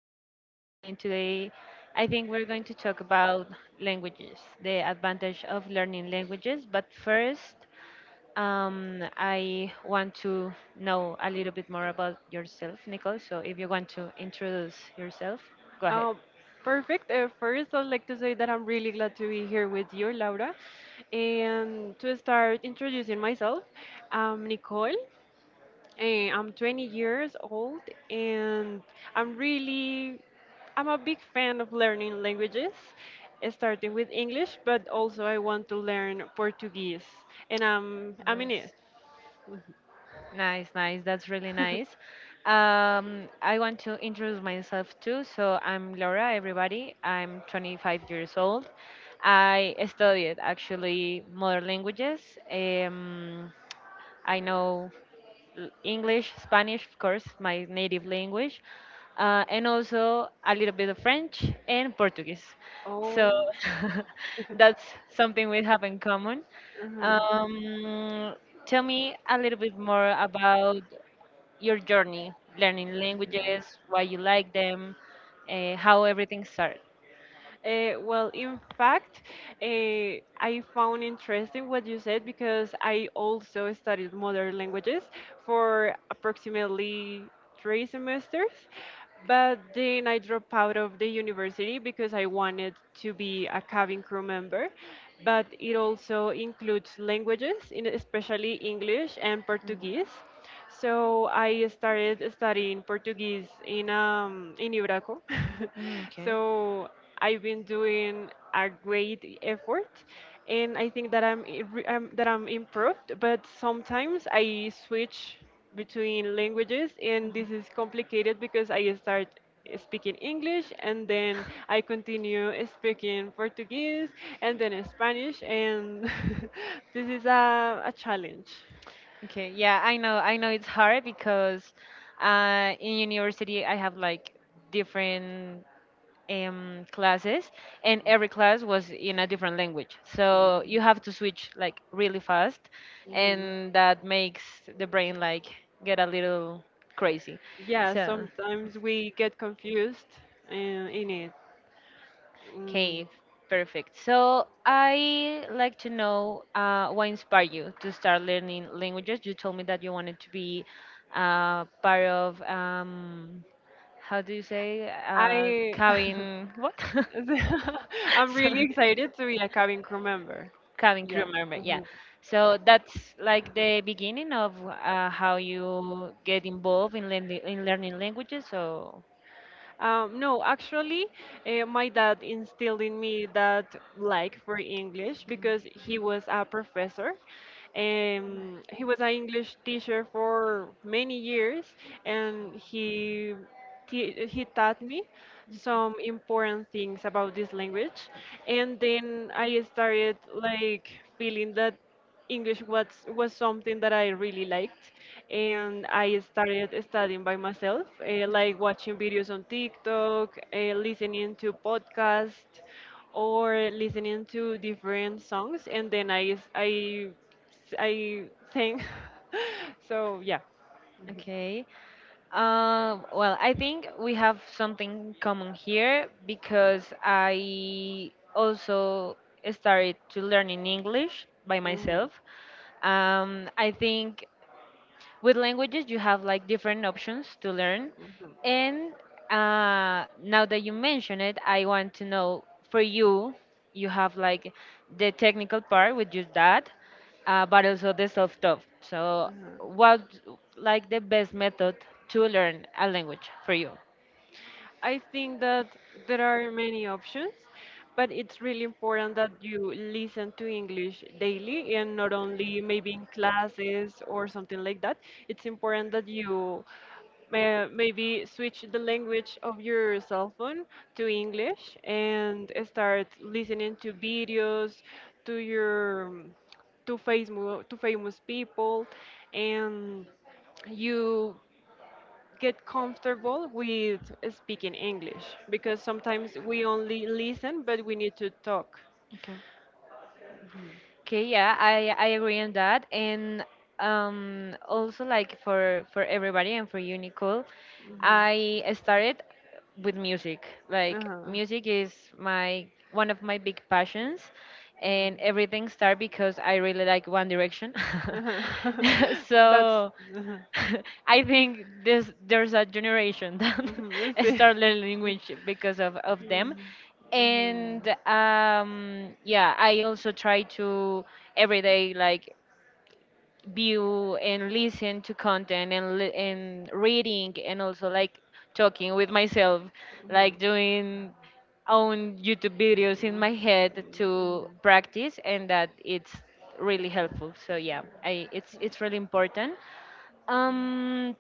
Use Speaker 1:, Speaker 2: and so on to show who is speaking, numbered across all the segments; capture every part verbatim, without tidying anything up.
Speaker 1: Laura, and today I think we're going to talk about languages, the advantage of learning languages. But first, um, I want to know a little bit more about yourself, Nicole. So if you want to introduce yourself, go ahead.
Speaker 2: Uh, Perfect. Uh, first, I'd like to say that I'm really glad to be here with you, Laura. And to start introducing myself, I'm Nicole. eh, I'm twenty years old, and I'm really, I'm a big fan of learning languages, eh, starting with English, but also I want to learn Portuguese, and I'm, I'm in it.
Speaker 1: Nice,
Speaker 2: Mhm.
Speaker 1: nice, nice. That's really nice. Um, I want to introduce myself too. So I'm Laura, everybody. I'm twenty-five years old. I studied actually modern languages. Um, I know l- English, Spanish, of course, my native language, uh, and also a little bit of French and Portuguese. So
Speaker 2: Um,
Speaker 1: that's something we have in common.
Speaker 2: so
Speaker 1: Um, Tell me a little bit more about your journey learning languages, why you like them, uh, how everything started.
Speaker 2: Uh, well, in fact, uh, I found interesting what you said because I also studied modern languages for approximately three semesters, but then I dropped out of the university because I wanted to be a cabin crew member. But it also includes languages, in- especially English and Portuguese. So I started studying Portuguese in um, in Ibraco.
Speaker 1: Mm, mm, okay.
Speaker 2: So I've been doing a great effort, and I think that I'm, i- re- I'm that I'm improved. But sometimes I switch between languages, and this is complicated because I start speaking English, and then I continue speaking Portuguese, and then Spanish, and this is a, a challenge.
Speaker 1: Okay, yeah, I know. I know it's hard because uh, in university I have like different um, classes, and every class was in a different language. So you have to switch like really fast, and that makes the brain like get a little crazy.
Speaker 2: Yeah, yeah,
Speaker 1: So.
Speaker 2: sometimes we get confused uh, in it. Mm.
Speaker 1: Okay, perfect. So I like to know uh, what inspired you to start learning languages. You told me that you wanted to be uh, part of um, how do you say uh,
Speaker 2: I
Speaker 1: cabin what?
Speaker 2: I'm really
Speaker 1: Sorry,
Speaker 2: excited to be a cabin crew member.
Speaker 1: cabin
Speaker 2: From,
Speaker 1: crew member. Yeah.
Speaker 2: yeah.
Speaker 1: So that's like the beginning of uh, how you get involved in learning in learning languages. So
Speaker 2: Um, no, actually, uh, my dad instilled in me that, like, for English because he was a professor. Um, he was an English teacher for many years, and he te- he taught me some important things about this language. And then I started, like, feeling that. English was was something that I really liked, and I started studying by myself, uh, like watching videos on TikTok, uh, listening to podcasts, or listening to different songs, and then I s- I s- I sang. So yeah.
Speaker 1: okay. Um, well, I think we have something common here because I also started to learning English by
Speaker 2: Mhm,
Speaker 1: myself. Um, I think with languages you have like different options to learn
Speaker 2: mhm.
Speaker 1: and uh, now that you mention it, I want to know, for you, you have like the technical part with your dad, uh, but also the self-taught. So
Speaker 2: uh
Speaker 1: what like the best method to learn a language for you?
Speaker 2: I think that there are many options, but it's really important that you listen to English daily and not only maybe in classes or something like that. It's important that you may, maybe switch the language of your cell phone to English and start listening to videos, to your um, to famous to famous people, and you get comfortable with speaking English because sometimes we only listen, but we need to talk.
Speaker 1: Okay. Okay, yeah, I I agree on that, and um, also like for for everybody and for you, Nicole,
Speaker 2: Mhm.
Speaker 1: I started with music. Like
Speaker 2: Uh-huh.
Speaker 1: music is my one of my big passions, and
Speaker 2: Mhm.
Speaker 1: everything started because I really like One Direction.
Speaker 2: Uh-huh. That's.
Speaker 1: So.
Speaker 2: Uh-huh.
Speaker 1: I think this there's a generation that
Speaker 2: Mhm. Let's see.
Speaker 1: start learning
Speaker 2: Mhm.
Speaker 1: English because of, of them.
Speaker 2: Mhm.
Speaker 1: And um, yeah, I also try to every day like view and listen to content and li- and reading and also like talking with myself, like doing own YouTube videos in my
Speaker 2: Mhm.
Speaker 1: head to
Speaker 2: Mhm. Mhm.
Speaker 1: practice, and that it's really helpful. So yeah, I it's it's really important. Um,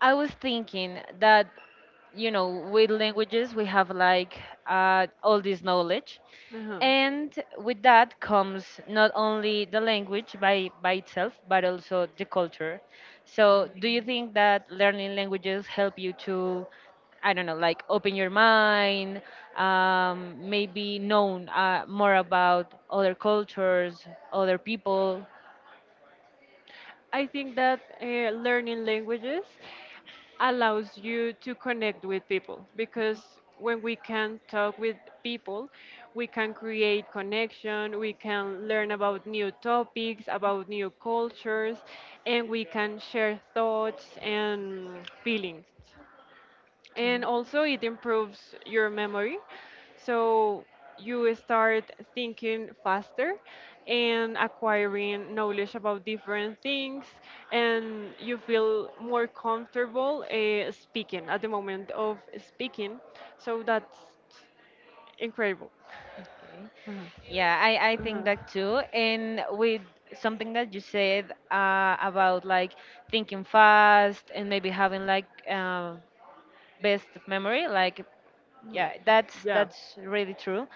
Speaker 1: I was thinking that, you know, with languages, we have like uh, all this knowledge.
Speaker 2: Uh-huh.
Speaker 1: And with that comes not only the language by, by itself, but also the culture. So, do you think that learning languages help you to, I don't know, like open your mind, um, maybe known uh, more about other cultures, other people?
Speaker 2: I think that uh, learning languages allows you to connect with people because when we can talk with people, we can create connection, we can learn about new topics, about new cultures, and we can share thoughts and feelings.
Speaker 1: Okay.
Speaker 2: And also, it improves your memory, so you start thinking faster and acquiring knowledge about different things, and you feel more comfortable uh, speaking, at the moment of speaking. So that's incredible.
Speaker 1: Okay.
Speaker 2: Mhm.
Speaker 1: Yeah, I, I think
Speaker 2: Uh-huh.
Speaker 1: that too. And with something that you said uh, about like thinking fast and maybe having like uh, best memory, like yeah, that's that's really true.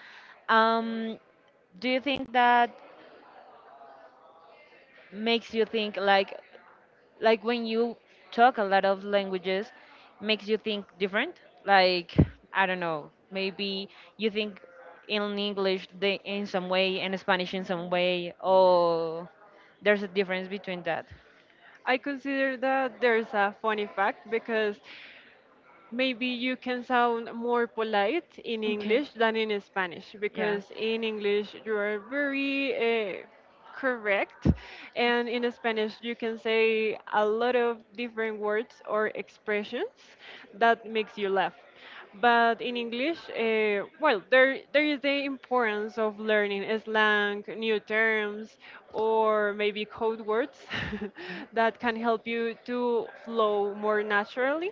Speaker 1: Um, do you think that makes you think like like when you talk a lot of languages makes you think different, like I don't know, maybe you think in English the, in some way and Spanish in some way, or there's a difference between that?
Speaker 2: I consider that there's a funny fact because maybe you can sound more polite in
Speaker 1: Okay,
Speaker 2: English than in Spanish
Speaker 1: yeah.
Speaker 2: because in English you are very uh, correct, and in Spanish you can say a lot of different words or expressions that makes you laugh. But in English, uh, well, there there is the importance of learning slang, new terms, or maybe code words that can help you to flow more naturally.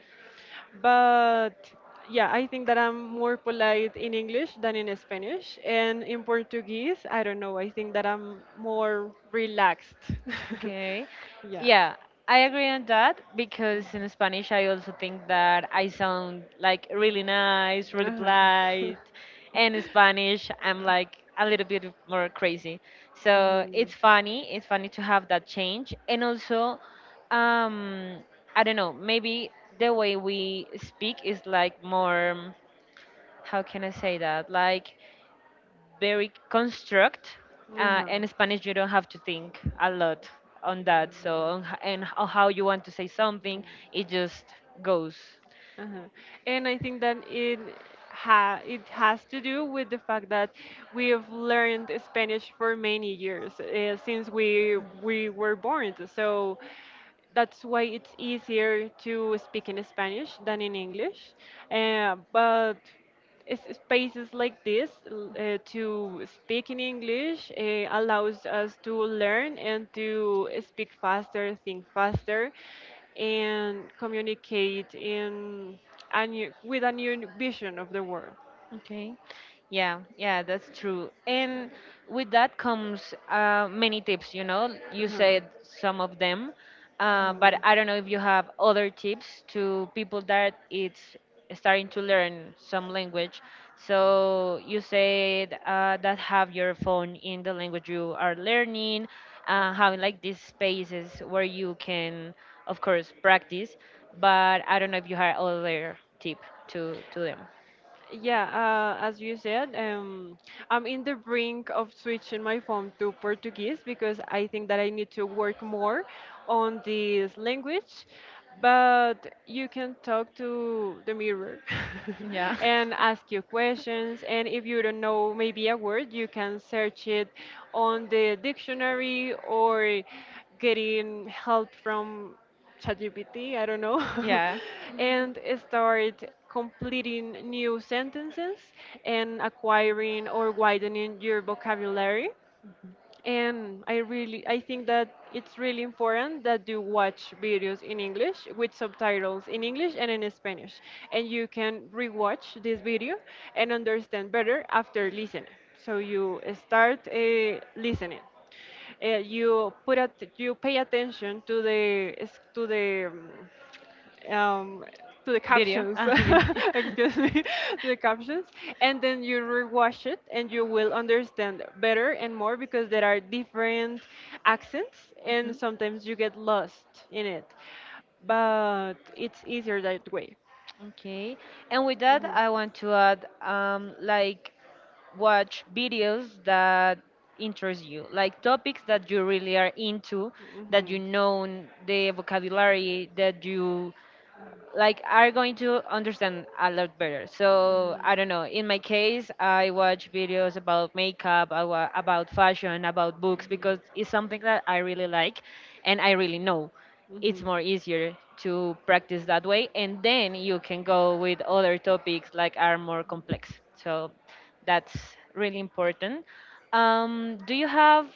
Speaker 2: But yeah, I think that I'm more polite in English than in Spanish. And in Portuguese, I don't know. I think that I'm more relaxed.
Speaker 1: Okay.
Speaker 2: Yeah.
Speaker 1: Yeah, I agree on that because in Spanish I also think that I sound like really nice, really
Speaker 2: Uh-huh.
Speaker 1: polite. And in Spanish I'm like a little bit more crazy. So it's funny, it's funny to have that change. And also, um, I don't know, maybe the way we speak is like more, how can I say that? Like very construct.
Speaker 2: Mhm.
Speaker 1: Uh,
Speaker 2: Uh-huh.
Speaker 1: in Spanish, you don't have to think a lot on that. So, on h- and on how you want to say something, it just goes.
Speaker 2: Uh-huh. And I think that it ha it has to do with the fact that we have learned Spanish for many years uh, since we we were born. So that's why it's easier to speak in Spanish than in English. Uh, but s- spaces like this, l- uh, to speak in English uh, allows us to learn and to speak faster, think faster, and communicate in a new, with a new vision of the world.
Speaker 1: Okay. Yeah, yeah, that's true. And with that comes uh, many tips, you know. You
Speaker 2: Uh-huh.
Speaker 1: said some of them, uh, but
Speaker 2: Mhm.
Speaker 1: I don't know if you have other tips to people that it's starting to learn some language. So you said uh, that have your phone in the language you are learning, uh, having like these spaces where you can, of course, practice. But I don't know if you have other tip to to them.
Speaker 2: Yeah, uh, as you said, um, I'm in the brink of switching my phone to Portuguese because I think that I need to work more on this language. But you can talk to the mirror
Speaker 1: Yeah.
Speaker 2: and ask you questions. And if you don't know maybe a word, you can search it on the dictionary or getting help from ChatGPT, I don't know,
Speaker 1: Yeah.
Speaker 2: and start completing new sentences and acquiring or widening your vocabulary. And i really i think that it's really important that you watch videos in English with subtitles in English and in Spanish, and you can rewatch this video and understand better after listening. So you start uh, listening. Uh, you put at, you pay attention to the s- to the um, um, to the
Speaker 1: Video.
Speaker 2: captions.
Speaker 1: Ah, okay.
Speaker 2: Excuse me, to the captions, and then you rewatch it and you will understand better and more because there are different accents and
Speaker 1: Mhm.
Speaker 2: sometimes you get lost in it. But it's easier that way.
Speaker 1: Okay. And with that, I want to add, um, like, watch videos that interest you, like topics that you really are into, that you
Speaker 2: Mhm.
Speaker 1: know the vocabulary, that you
Speaker 2: Mhm.
Speaker 1: like are going to understand a lot better. So I don't know. In my case, I watch videos about makeup, I wa- about fashion, about books because it's something that I really like, and I really know. It's more easier to practice that way, and then you can go with other topics like are more complex. So that's really important. Um, do you have,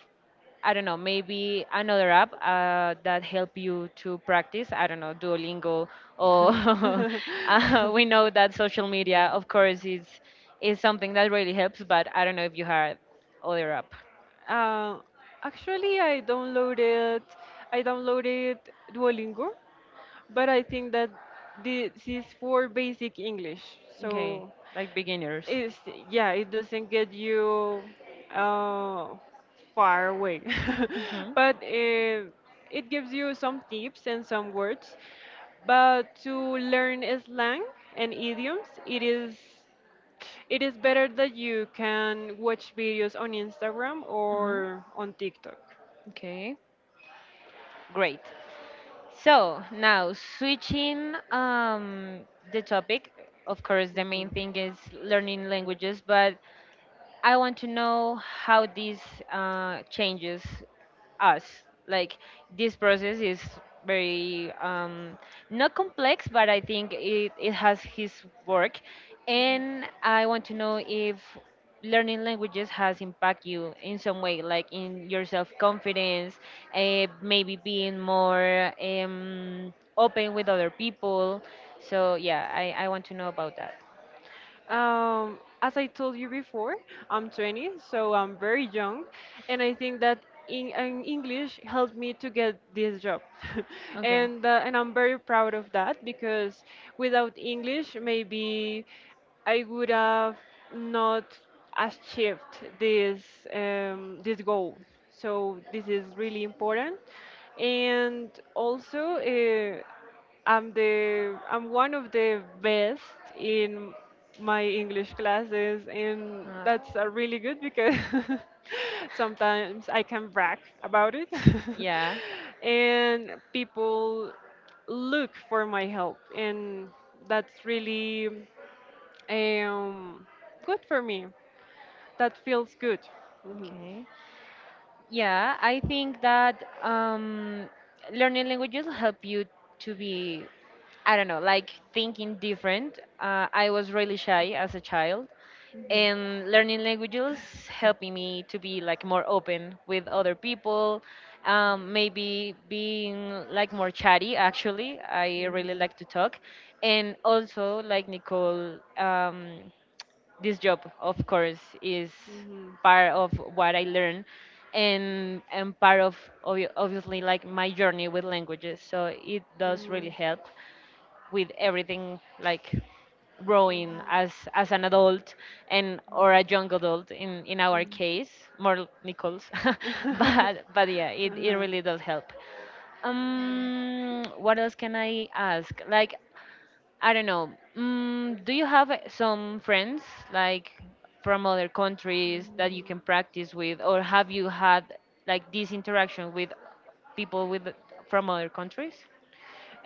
Speaker 1: I don't know, maybe another app uh, that help you to practice. I don't know, Duolingo, or uh, we know that social
Speaker 2: Yeah.
Speaker 1: media, of course, is is something that really helps. But I don't know if you have other app.
Speaker 2: Uh, Actually, I downloaded I downloaded Duolingo, but I think that this is for basic English.
Speaker 1: Okay,
Speaker 2: So
Speaker 1: like beginners.
Speaker 2: it's yeah, it doesn't get you uh, far away,
Speaker 1: Mhm.
Speaker 2: but uh, it gives you some tips and some words. But to learn slang and idioms, it is it is better that you can watch videos on Instagram
Speaker 1: Mhm.
Speaker 2: or on TikTok.
Speaker 1: Okay, great. So now switching um, the topic, of course, the
Speaker 2: Mhm.
Speaker 1: main thing is learning languages, but I want to know how this uh, changes us. Like this process is very um, not complex, but I think it, it has his work. And I want to know if learning languages has impacted you in some way, like in your self confidence, uh, maybe being more um, open with other people. So yeah, I, I want to know about that.
Speaker 2: Um, as I told you before, I'm twenty, so I'm very young, and I think that in, in English helped me to get this job,
Speaker 1: Okay.
Speaker 2: and uh, and I'm very proud of that because without English, maybe I would have not achieved this um, this goal. So this is really important, and also. Uh, I'm the I'm one of the best in my English classes, and
Speaker 1: Uh,
Speaker 2: that's uh, really good because sometimes I can brag about it,
Speaker 1: Yeah.
Speaker 2: and people look for my help, and that's really um, good for me. That feels good. Mhm.
Speaker 1: Okay. Yeah, I think that um, learning languages help you to be, I don't know, like thinking different. Uh, I was really shy as a child,
Speaker 2: Mhm.
Speaker 1: and learning languages helping me to be like more open with other people. Um, maybe being like more chatty. Actually, I really like to talk, and also like Nicole. Um, this job of course is
Speaker 2: Mhm.
Speaker 1: part of what I learned, and and part of obvi- obviously like my journey with languages, so it does really help with everything, like growing as as an adult and or a young adult in in our case, more nichols. but but yeah, it, it really does help. Um what else can I ask, like I don't know. Mm, do you have uh, some friends like from other countries that you can practice with, or have you had like this interaction with people with from other countries?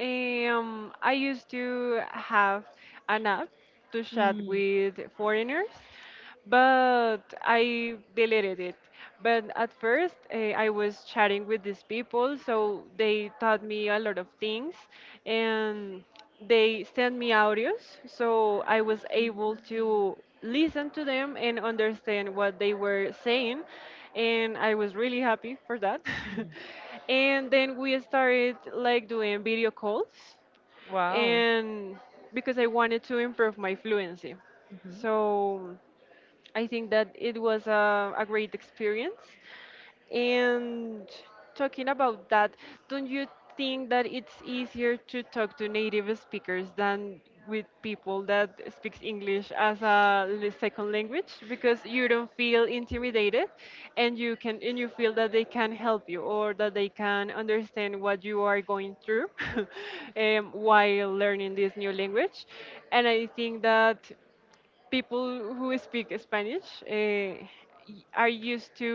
Speaker 2: Um, I used to have an app to chat
Speaker 1: Mm.
Speaker 2: with foreigners, but I deleted it. But at first, eh, I was chatting with these people, so they taught me a lot of things, and they send me audios so I was able to listen to them and understand what they were saying, and I was really happy for that. And then we started, like, doing video calls
Speaker 1: Wow.
Speaker 2: and because I wanted to improve my fluency.
Speaker 1: Hmm.
Speaker 2: So I think that it was a, a great experience. And talking about that, don't you think that it's easier to talk to native speakers than with people that speaks English as a l- second language because you don't feel intimidated and you can and you feel that they can help you or that they can understand what you are going through um, while learning this new language. And I think that people who speak Spanish uh, y- are used to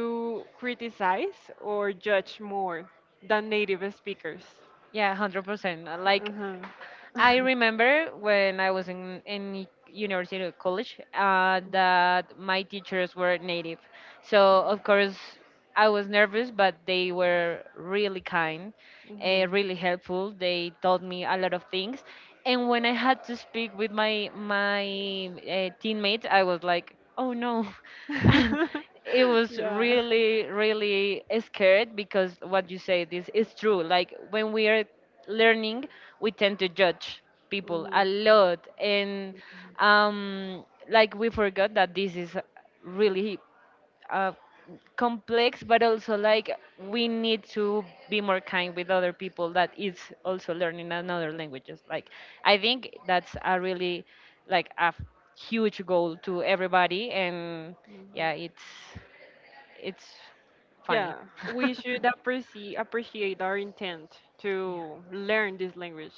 Speaker 2: criticize or judge more than native speakers.
Speaker 1: Yeah, one hundred percent. Uh, Like,
Speaker 2: Uh-huh.
Speaker 1: I remember when I was in, in university or college uh, that my teachers were native. So, of course, I was nervous, but they were really kind, uh, really helpful. They taught me a lot of things.
Speaker 2: Mhm.
Speaker 1: And when I had to speak with my, my uh, teammates, I was like, oh no. It was
Speaker 2: Yeah.
Speaker 1: really really scared because what you say this is true, like when we are learning we tend to judge people
Speaker 2: Mhm.
Speaker 1: a lot, and um like we forgot that this is really uh, complex, but also like we need to be more kind with other people that is also learning another languages. Like I think that's a really like a huge goal to everybody, and
Speaker 2: Mhm.
Speaker 1: yeah, it's it's funny.
Speaker 2: Yeah, we should appreciate appreciate our intent
Speaker 1: Yeah.
Speaker 2: to learn this language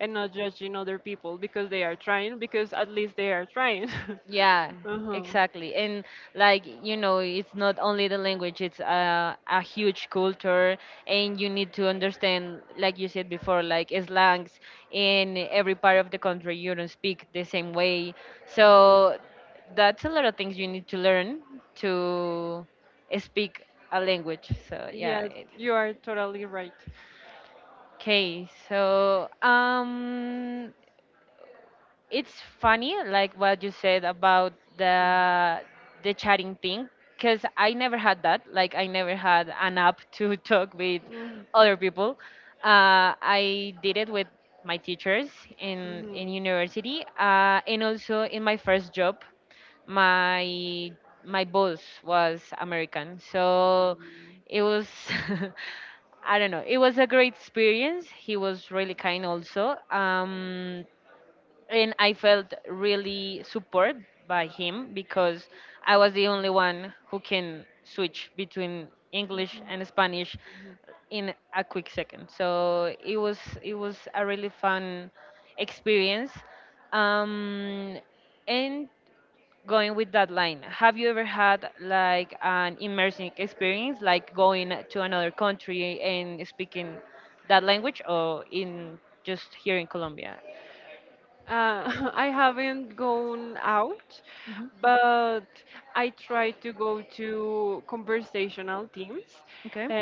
Speaker 2: and not judging other people because they are trying, because at least they are trying.
Speaker 1: Yeah,
Speaker 2: Uh-huh.
Speaker 1: exactly. And like, you know, it's not only the language, it's a, a huge culture, and you need to understand, like you said before, like slangs in every part of the country, you don't speak the same way. So that's a lot of things you need to learn to speak a language. So yeah.
Speaker 2: Yes,
Speaker 1: It,
Speaker 2: you are totally right.
Speaker 1: okay, so um it's funny like what you said about the the chatting thing, because I never had that, like I never had an app to talk with
Speaker 2: Mm.
Speaker 1: other people. uh, I did it with my teachers in in
Speaker 2: Mhm.
Speaker 1: university, uh, and also in my first job my my boss was American, so it was I don't know. It was a great experience. He was really kind also. Um, and I felt really supported by him because I was the only one who can switch between English and Spanish in a quick second. So it was it was a really fun experience. Um, and going with that line, have you ever had like an immersive experience, like going to another country and speaking that language, or in just here in Colombia?
Speaker 2: Uh, I haven't gone out, but I try to go to conversational teams,
Speaker 1: Okay.
Speaker 2: uh,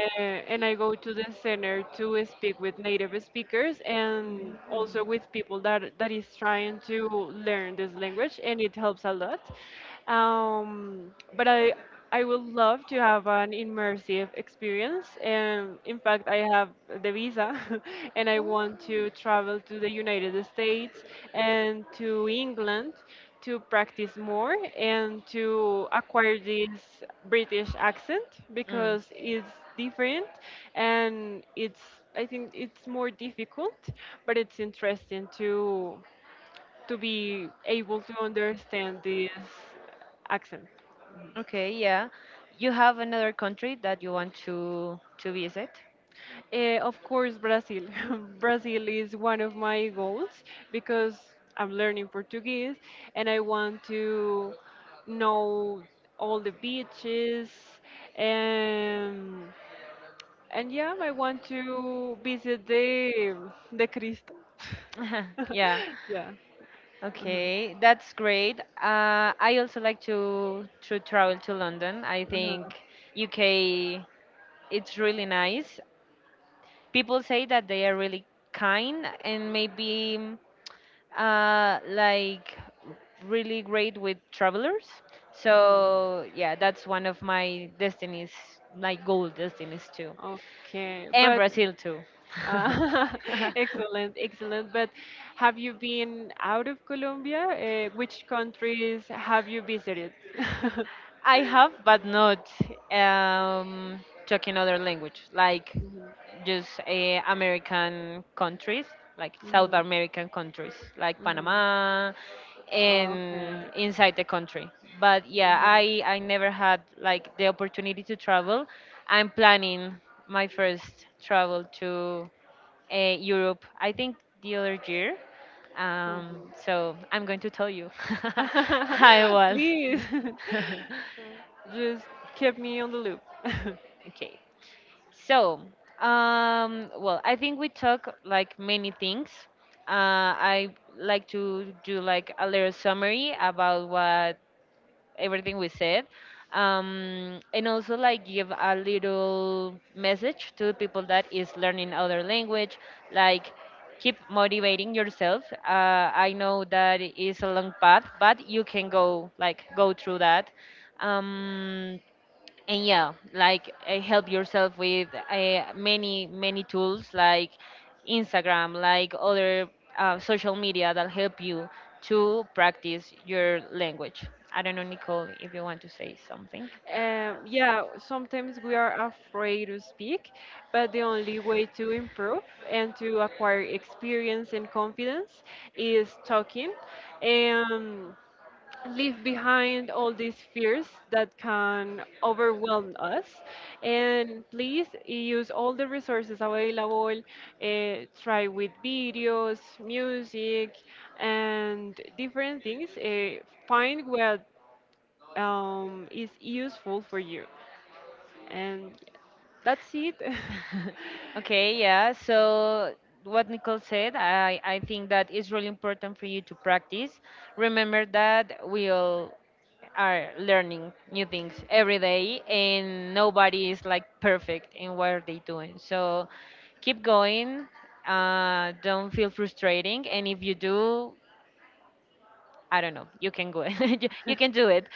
Speaker 2: and I go to the center to speak with native speakers
Speaker 1: Mm.
Speaker 2: and also with people that that is trying to learn this language, and it helps a lot. Um, but I I would love to have an immersive experience. And in fact, I have the visa and I want to travel to the United States and to England to practice more and to acquire this British accent
Speaker 1: Oh. Mm.
Speaker 2: because it's different and it's, I think it's more difficult, but it's interesting to to be able to understand this accent.
Speaker 1: Okay, yeah. You have another country that you want to to visit?
Speaker 2: Eh, of course, Brazil. Brazil is one of my goals because I'm learning Portuguese and I want to know all the beaches, and and yeah, I want to visit the the Cristo.
Speaker 1: Yeah.
Speaker 2: Yeah. Uh-huh.
Speaker 1: Okay, that's great. Uh, I also like to to travel to London. I think
Speaker 2: Uh-huh.
Speaker 1: U K it's really nice. People say that they are really kind and maybe uh, like really great with travelers.
Speaker 2: Mhm.
Speaker 1: So yeah, that's one of my destinies, like goal destinies too.
Speaker 2: Okay,
Speaker 1: And
Speaker 2: but.
Speaker 1: Brazil too.
Speaker 2: Uh, Excellent, excellent. But have you been out of Colombia? Uh, which countries have you visited?
Speaker 1: I have, but not um, talking other language, like just uh, American countries, like
Speaker 2: Mhm,
Speaker 1: South
Speaker 2: mhm,
Speaker 1: American countries, like
Speaker 2: mhm.
Speaker 1: Panama, and
Speaker 2: Okay.
Speaker 1: inside the country. But yeah, I I never had like the opportunity to travel. I'm planning my first travel to uh, Europe. I think the other year. Um,
Speaker 2: Mhm.
Speaker 1: so I'm going to tell you how it was.
Speaker 2: Please. Well, just keep me on the loop.
Speaker 1: Okay. So, um, well, I think we talk like many things. Uh, I like to do like a little summary about what everything we said, um, and also like give a little message to people that is learning other language, like keep motivating yourself. Uh, i know that is a long path, but you can go like go through that. um, and yeah, like uh, help yourself with uh, many many tools like Instagram, like other uh, social media that help you to practice your language. I don't know, Nicole, if you want to say something
Speaker 2: Um,
Speaker 1: else.
Speaker 2: yeah, sometimes we are afraid to speak, but the only way to improve and to acquire experience and confidence is talking. Um, Leave behind all these fears that can overwhelm us. And please use all the resources available. Eh, try with videos, music, and different things. Eh, find what um, is useful for you. And that's it.
Speaker 1: Okay, yeah. So what Nicole said, I, I think that it's really important for you to practice. Remember that we all are learning new things every day and nobody is like perfect in what are they doing. So keep going. Uh, don't feel frustrating, and if you do, I don't know. You can go. you you can do it.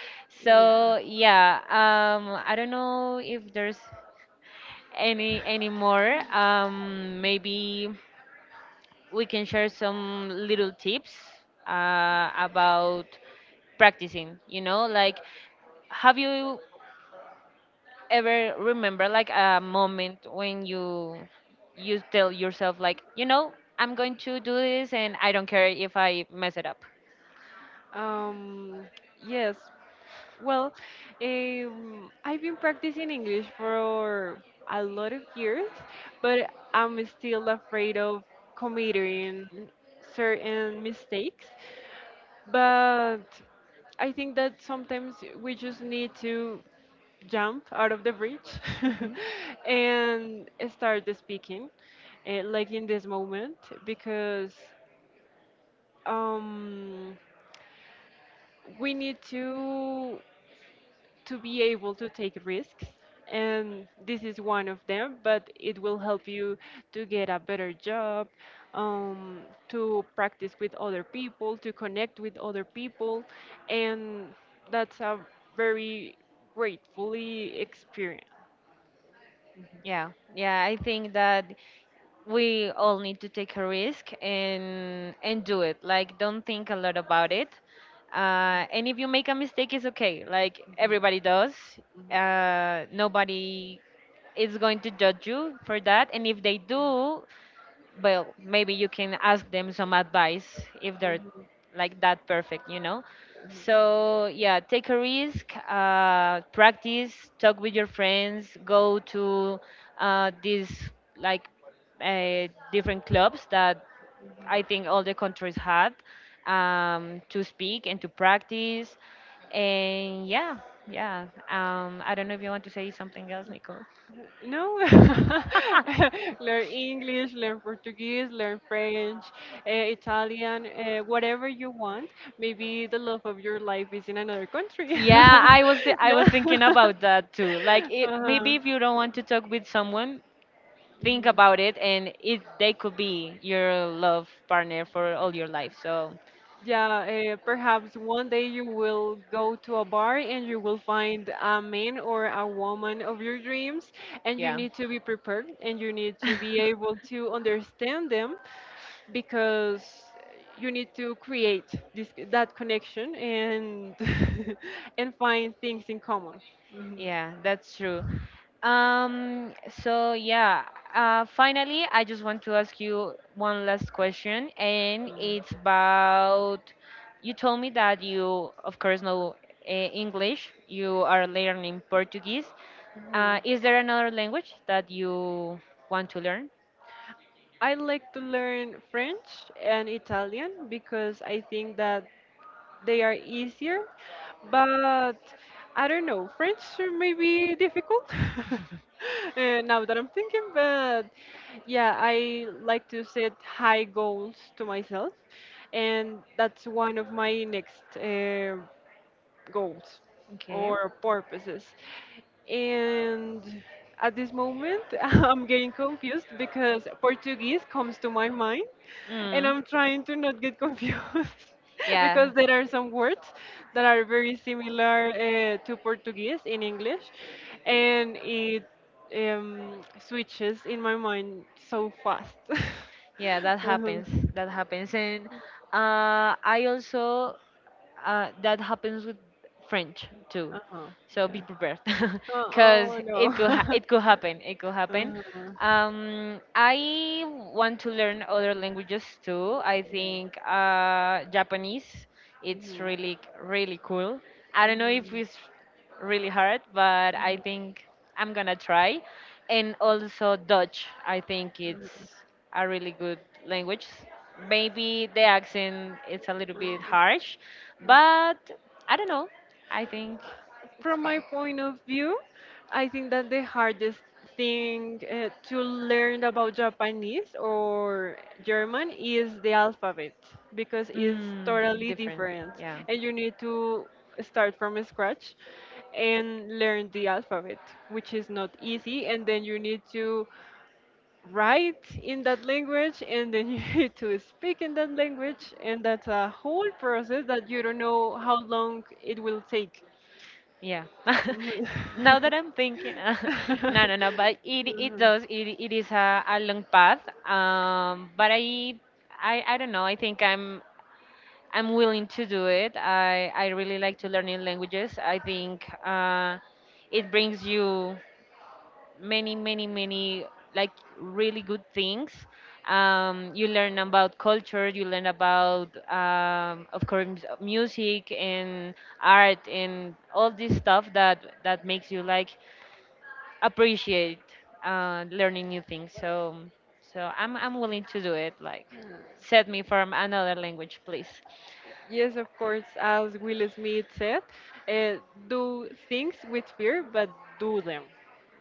Speaker 1: So yeah. Um. I don't know if there's any anymore. Um,
Speaker 2: Yeah.
Speaker 1: maybe we can share some little tips uh, about practicing. You know, like have you ever remember like a moment when you you tell yourself, like, you know I'm going to do this and I don't care if I mess it up.
Speaker 2: Um, yes. Well, um, I've been practicing English for a lot of years, but I'm still afraid of committing certain mistakes. But I think that sometimes we just need to jump out of the bridge
Speaker 1: Mm-hmm.
Speaker 2: and start speaking, eh, like, in this moment, because um, we need to. to be able to take risks, and this is one of them, but it will help you to get a better job, um, to practice with other people, to connect with other people, and that's a very gratefully experience.
Speaker 1: Yeah, yeah, I think that we all need to take a risk and and do it. Like, don't think a lot about it. Uh, and if you make a mistake, it's okay. Like everybody does. Uh, nobody is going to judge you for that. And if they do, well, maybe you can ask them some advice if they're
Speaker 2: Mhm.
Speaker 1: like that perfect you know So yeah, take a risk, uh, practice, talk with your friends, go to uh, these like uh, different clubs that I think all the countries had, um, to speak and to practice. And yeah, yeah. um, I don't know if you want to say something else, Nicole.
Speaker 2: No, learn English, learn Portuguese, learn French, uh, Italian, uh, whatever you want. Maybe the love of your life is in another country.
Speaker 1: Yeah, I was th- I
Speaker 2: Yeah,
Speaker 1: was thinking
Speaker 2: yeah.
Speaker 1: about that too. Like, it, maybe
Speaker 2: Uh-huh.
Speaker 1: if you don't want to talk with someone, think about it, and it they could be your love partner for all your life. So,
Speaker 2: Yeah, uh, perhaps one day you will go to a bar and you will find a man or a woman of your dreams, and you
Speaker 1: yeah,
Speaker 2: need to be prepared and you need to be able to understand them because you need to create this that connection and and find things in common. Mhm.
Speaker 1: yeah, that's true. Um, so yeah, uh, finally, I just want to ask you one last question, and
Speaker 2: Mm.
Speaker 1: it's about you told me that you, of course, know uh, English, you are learning Portuguese. Uh,
Speaker 2: Mhm.
Speaker 1: is there another language that you want to learn?
Speaker 2: I like to learn French and Italian because I think that they are easier, but I don't know, French may be difficult uh, now that I'm thinking, but yeah, I like to set high goals to myself, and that's one of my next uh, goals
Speaker 1: Okay.
Speaker 2: or purposes. And at this moment, I'm getting confused because Portuguese comes to my mind, and
Speaker 1: Mm,
Speaker 2: I'm trying to not get confused
Speaker 1: yeah.
Speaker 2: because there are some words that are very similar uh, to Portuguese in English, and it um, switches in my mind so fast.
Speaker 1: Yeah, that
Speaker 2: Uh-huh.
Speaker 1: happens. That happens, and uh, I also, uh, that happens with French too.
Speaker 2: Uh-huh.
Speaker 1: So be
Speaker 2: Yeah.
Speaker 1: prepared,
Speaker 2: Oh,
Speaker 1: because
Speaker 2: oh
Speaker 1: it could ha-
Speaker 2: no.
Speaker 1: it could happen. It could happen.
Speaker 2: Uh-huh. Hmm.
Speaker 1: Um, I want to learn other languages too. I think uh, Japanese. It's really really cool. I don't know if it's really hard, but I think I'm gonna try. And also Dutch, I think it's a really good language. Maybe the accent is a little
Speaker 2: Mm-hmm.
Speaker 1: bit
Speaker 2: Hmm, hmm.
Speaker 1: harsh, but I don't know. I think it's
Speaker 2: From my
Speaker 1: fine.
Speaker 2: point of view, I think that the hardest thing uh, to learn about Japanese or German is the alphabet because it's
Speaker 1: Mm,
Speaker 2: totally
Speaker 1: different.
Speaker 2: different
Speaker 1: Yeah.
Speaker 2: and you need to start from scratch and learn the alphabet, which is not easy, and then you need to write in that language and then you need to speak in that language and that's a whole process that you don't know how long it will take.
Speaker 1: Yeah.
Speaker 2: Mhm.
Speaker 1: Now that I'm thinking, uh, no, no, no, but it it does. It it is a, a long path. Um, but I I I don't know. I think I'm I'm willing to do it. I, I really like to learn new languages. I think uh, it brings you many, many, many, like really good things. Um, you learn about culture, you learn about, um, of course, music and art and all this stuff that, that makes you like appreciate uh, learning new things. So, so I'm, I'm willing to do it. Like,
Speaker 2: Mhm.
Speaker 1: set me for another language, please.
Speaker 2: Yes, of course, as Will Smith said, uh, do things with fear, but do them.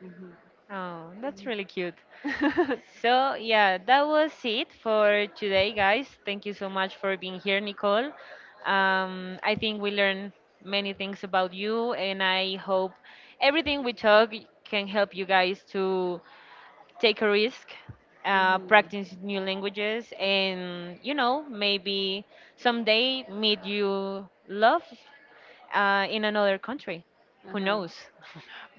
Speaker 2: Mhm.
Speaker 1: Oh, that's really cute. So, yeah, that was it for today, guys. Thank you so much for being here, Nicole. Um, I think we learned many things about you, and I hope everything we talk can help you guys to take a risk, uh,
Speaker 2: Mhm.
Speaker 1: practice new languages, and, you know, maybe someday meet you love uh, in another country. Who
Speaker 2: Uh-huh.
Speaker 1: knows?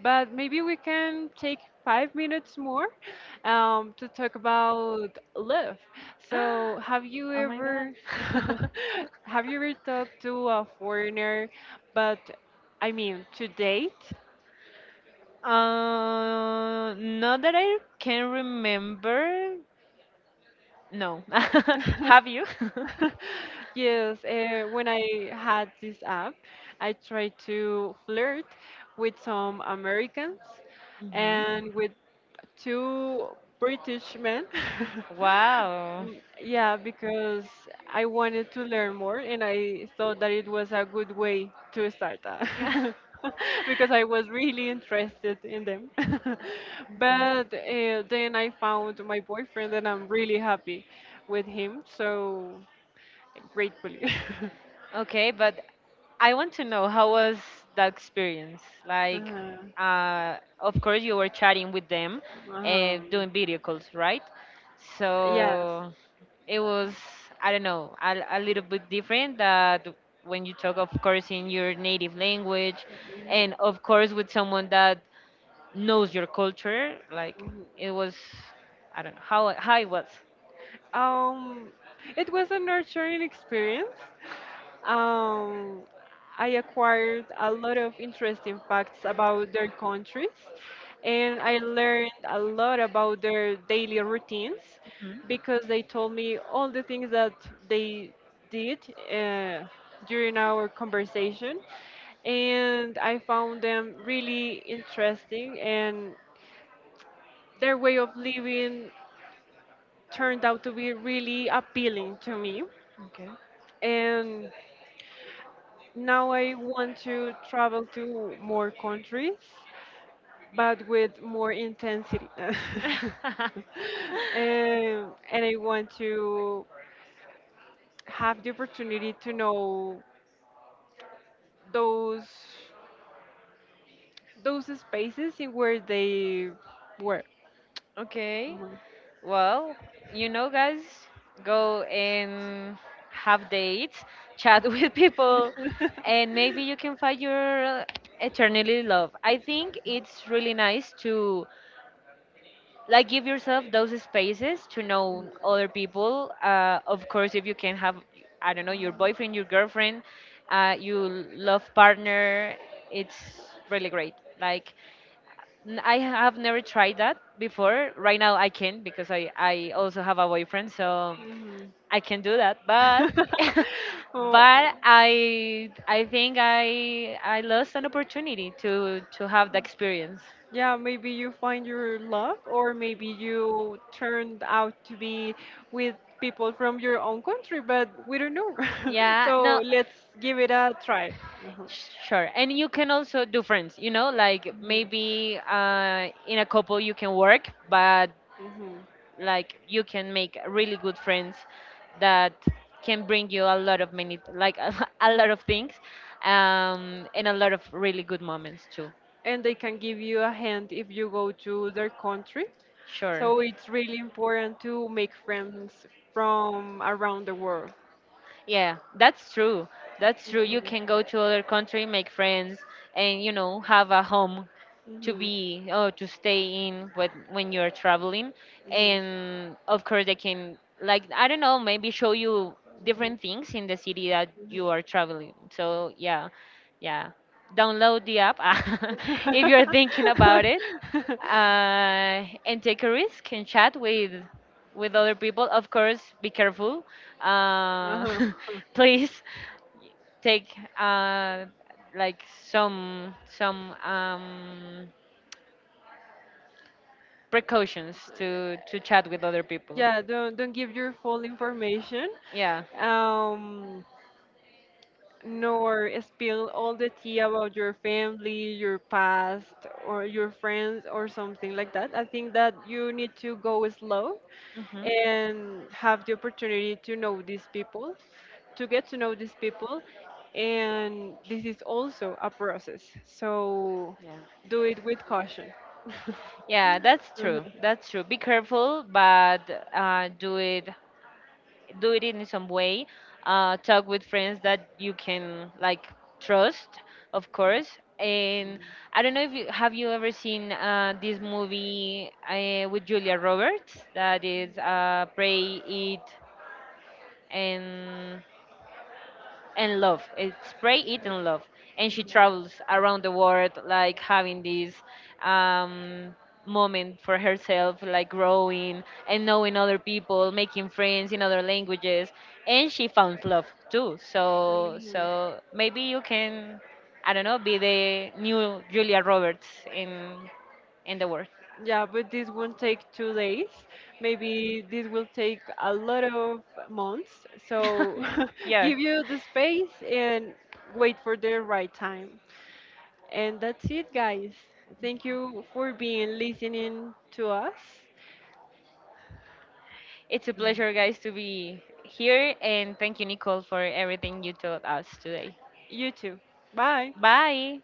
Speaker 2: But maybe we can take five minutes more um, to talk about love. So, have you
Speaker 1: Oh my God.
Speaker 2: ever have you ever talked to a foreigner? But I mean, to date,。
Speaker 1: Uh, not that I can remember. No. Have you?
Speaker 2: Yes, uh, when I had this app, I tried to flirt with some Americans
Speaker 1: Hmm.
Speaker 2: and with two British men.
Speaker 1: Wow.
Speaker 2: Mm, yeah, because I wanted to learn more and I thought that it was a good way to start that. Because I was really interested in them.
Speaker 1: Okay.
Speaker 2: But uh, then I found my boyfriend and I'm really happy with him. So gratefully.
Speaker 1: Okay, but I want to know how was that experience? Like,
Speaker 2: Uh-huh.
Speaker 1: uh, of course, you were chatting with them, uh,
Speaker 2: Um,
Speaker 1: doing video calls, right?
Speaker 2: yes.
Speaker 1: So it was, I don't know, a, a little bit different that when you talk, of course, in your native language, and of course, with someone that knows your culture. Like,
Speaker 2: Mhm.
Speaker 1: it was, I don't know, how, how it was.
Speaker 2: Um, it was a nurturing experience. Um, I acquired a lot of interesting facts about their countries, and I learned a lot about their daily routines
Speaker 1: Mhm.
Speaker 2: because they told me all the things that they did uh, during our conversation, and I found them really interesting, and their way of living turned out to be really appealing to me.
Speaker 1: Okay.
Speaker 2: And now I want to travel to more countries, but with more intensity. Um, and I want to have the opportunity to know those those spaces in where they were.
Speaker 1: Okay.
Speaker 2: Mhm.
Speaker 1: Well, you know, guys, go and have dates, chat with people, and maybe you can find your eternally love. I think it's really nice to like give yourself those spaces to know other people. Uh, of course, if you can have, I don't know, your boyfriend, your girlfriend, uh, your love partner, it's really great. Like, N- I have never tried that before. Right now, I can because I I also have a boyfriend, so
Speaker 2: Mhm.
Speaker 1: I can do that. But
Speaker 2: Oh,
Speaker 1: but I I think I I lost an opportunity to to have the experience.
Speaker 2: yeah, maybe you find your love, or maybe you turned out to be with people from your own country, but we don't know.
Speaker 1: Yeah,
Speaker 2: So
Speaker 1: no,
Speaker 2: let's give it a try. Mhm.
Speaker 1: sure. And you can also do friends, you know, like
Speaker 2: Mhm.
Speaker 1: maybe uh, in a couple you can work, but
Speaker 2: Mhm.
Speaker 1: like you can make really good friends that can bring you a lot of many, like, a lot of things, um, and a lot of really good moments too.
Speaker 2: And they can give you a hand if you go to their country.
Speaker 1: Sure.
Speaker 2: So it's really important to make friends from around the world.
Speaker 1: Yeah, that's true. That's true. You
Speaker 2: Mhm.
Speaker 1: can go to other country, make friends, and you know have a home to
Speaker 2: Mhm.
Speaker 1: be or to stay in when when you're traveling.
Speaker 2: Yeah.
Speaker 1: And of course, they can, like, I don't know, maybe show you
Speaker 2: Mhm.
Speaker 1: different things in the city that
Speaker 2: Mhm.
Speaker 1: you are traveling. So yeah, yeah. Download the app if you're thinking about it, uh, and take a risk and chat with with other people, of course, be careful. Uh,
Speaker 2: Uh-huh.
Speaker 1: please take uh, like some some um, precautions to to chat with other people.
Speaker 2: Yeah, don't don't give your full information,
Speaker 1: Yeah.
Speaker 2: um, nor spill all the tea about your family, your past, or your friends, or something like that. I think that you need to go slow
Speaker 1: Hmm.
Speaker 2: and have the opportunity to know these people, to get to know these people, and this is also a process. So
Speaker 1: Yeah.
Speaker 2: do it with caution.
Speaker 1: Yeah, that's true.
Speaker 2: Mhm.
Speaker 1: That's true. Be careful, but uh, do it do it in some way. Uh, talk with friends that you can like trust, of course. And I don't know if you have you ever seen uh, this movie uh, with Julia Roberts that is uh, Pray Eat and and love. It's Pray, Eat, and Love. And she travels around the world, like having this um, moment for herself, like growing and knowing other people, making friends in other languages. And she found love too. So,
Speaker 2: Mhm.
Speaker 1: so maybe you can, I don't know, be the new Julia Roberts in in the world.
Speaker 2: Yeah, but this won't take two days. Maybe this will take a lot of months. So
Speaker 1: Yeah.
Speaker 2: give you the space and wait for the right time. And that's it, guys. Thank you for being listening to us.
Speaker 1: It's a pleasure, guys, to be here. And thank you, Nicole, for everything you taught us today.
Speaker 2: You too. Bye.
Speaker 1: Bye.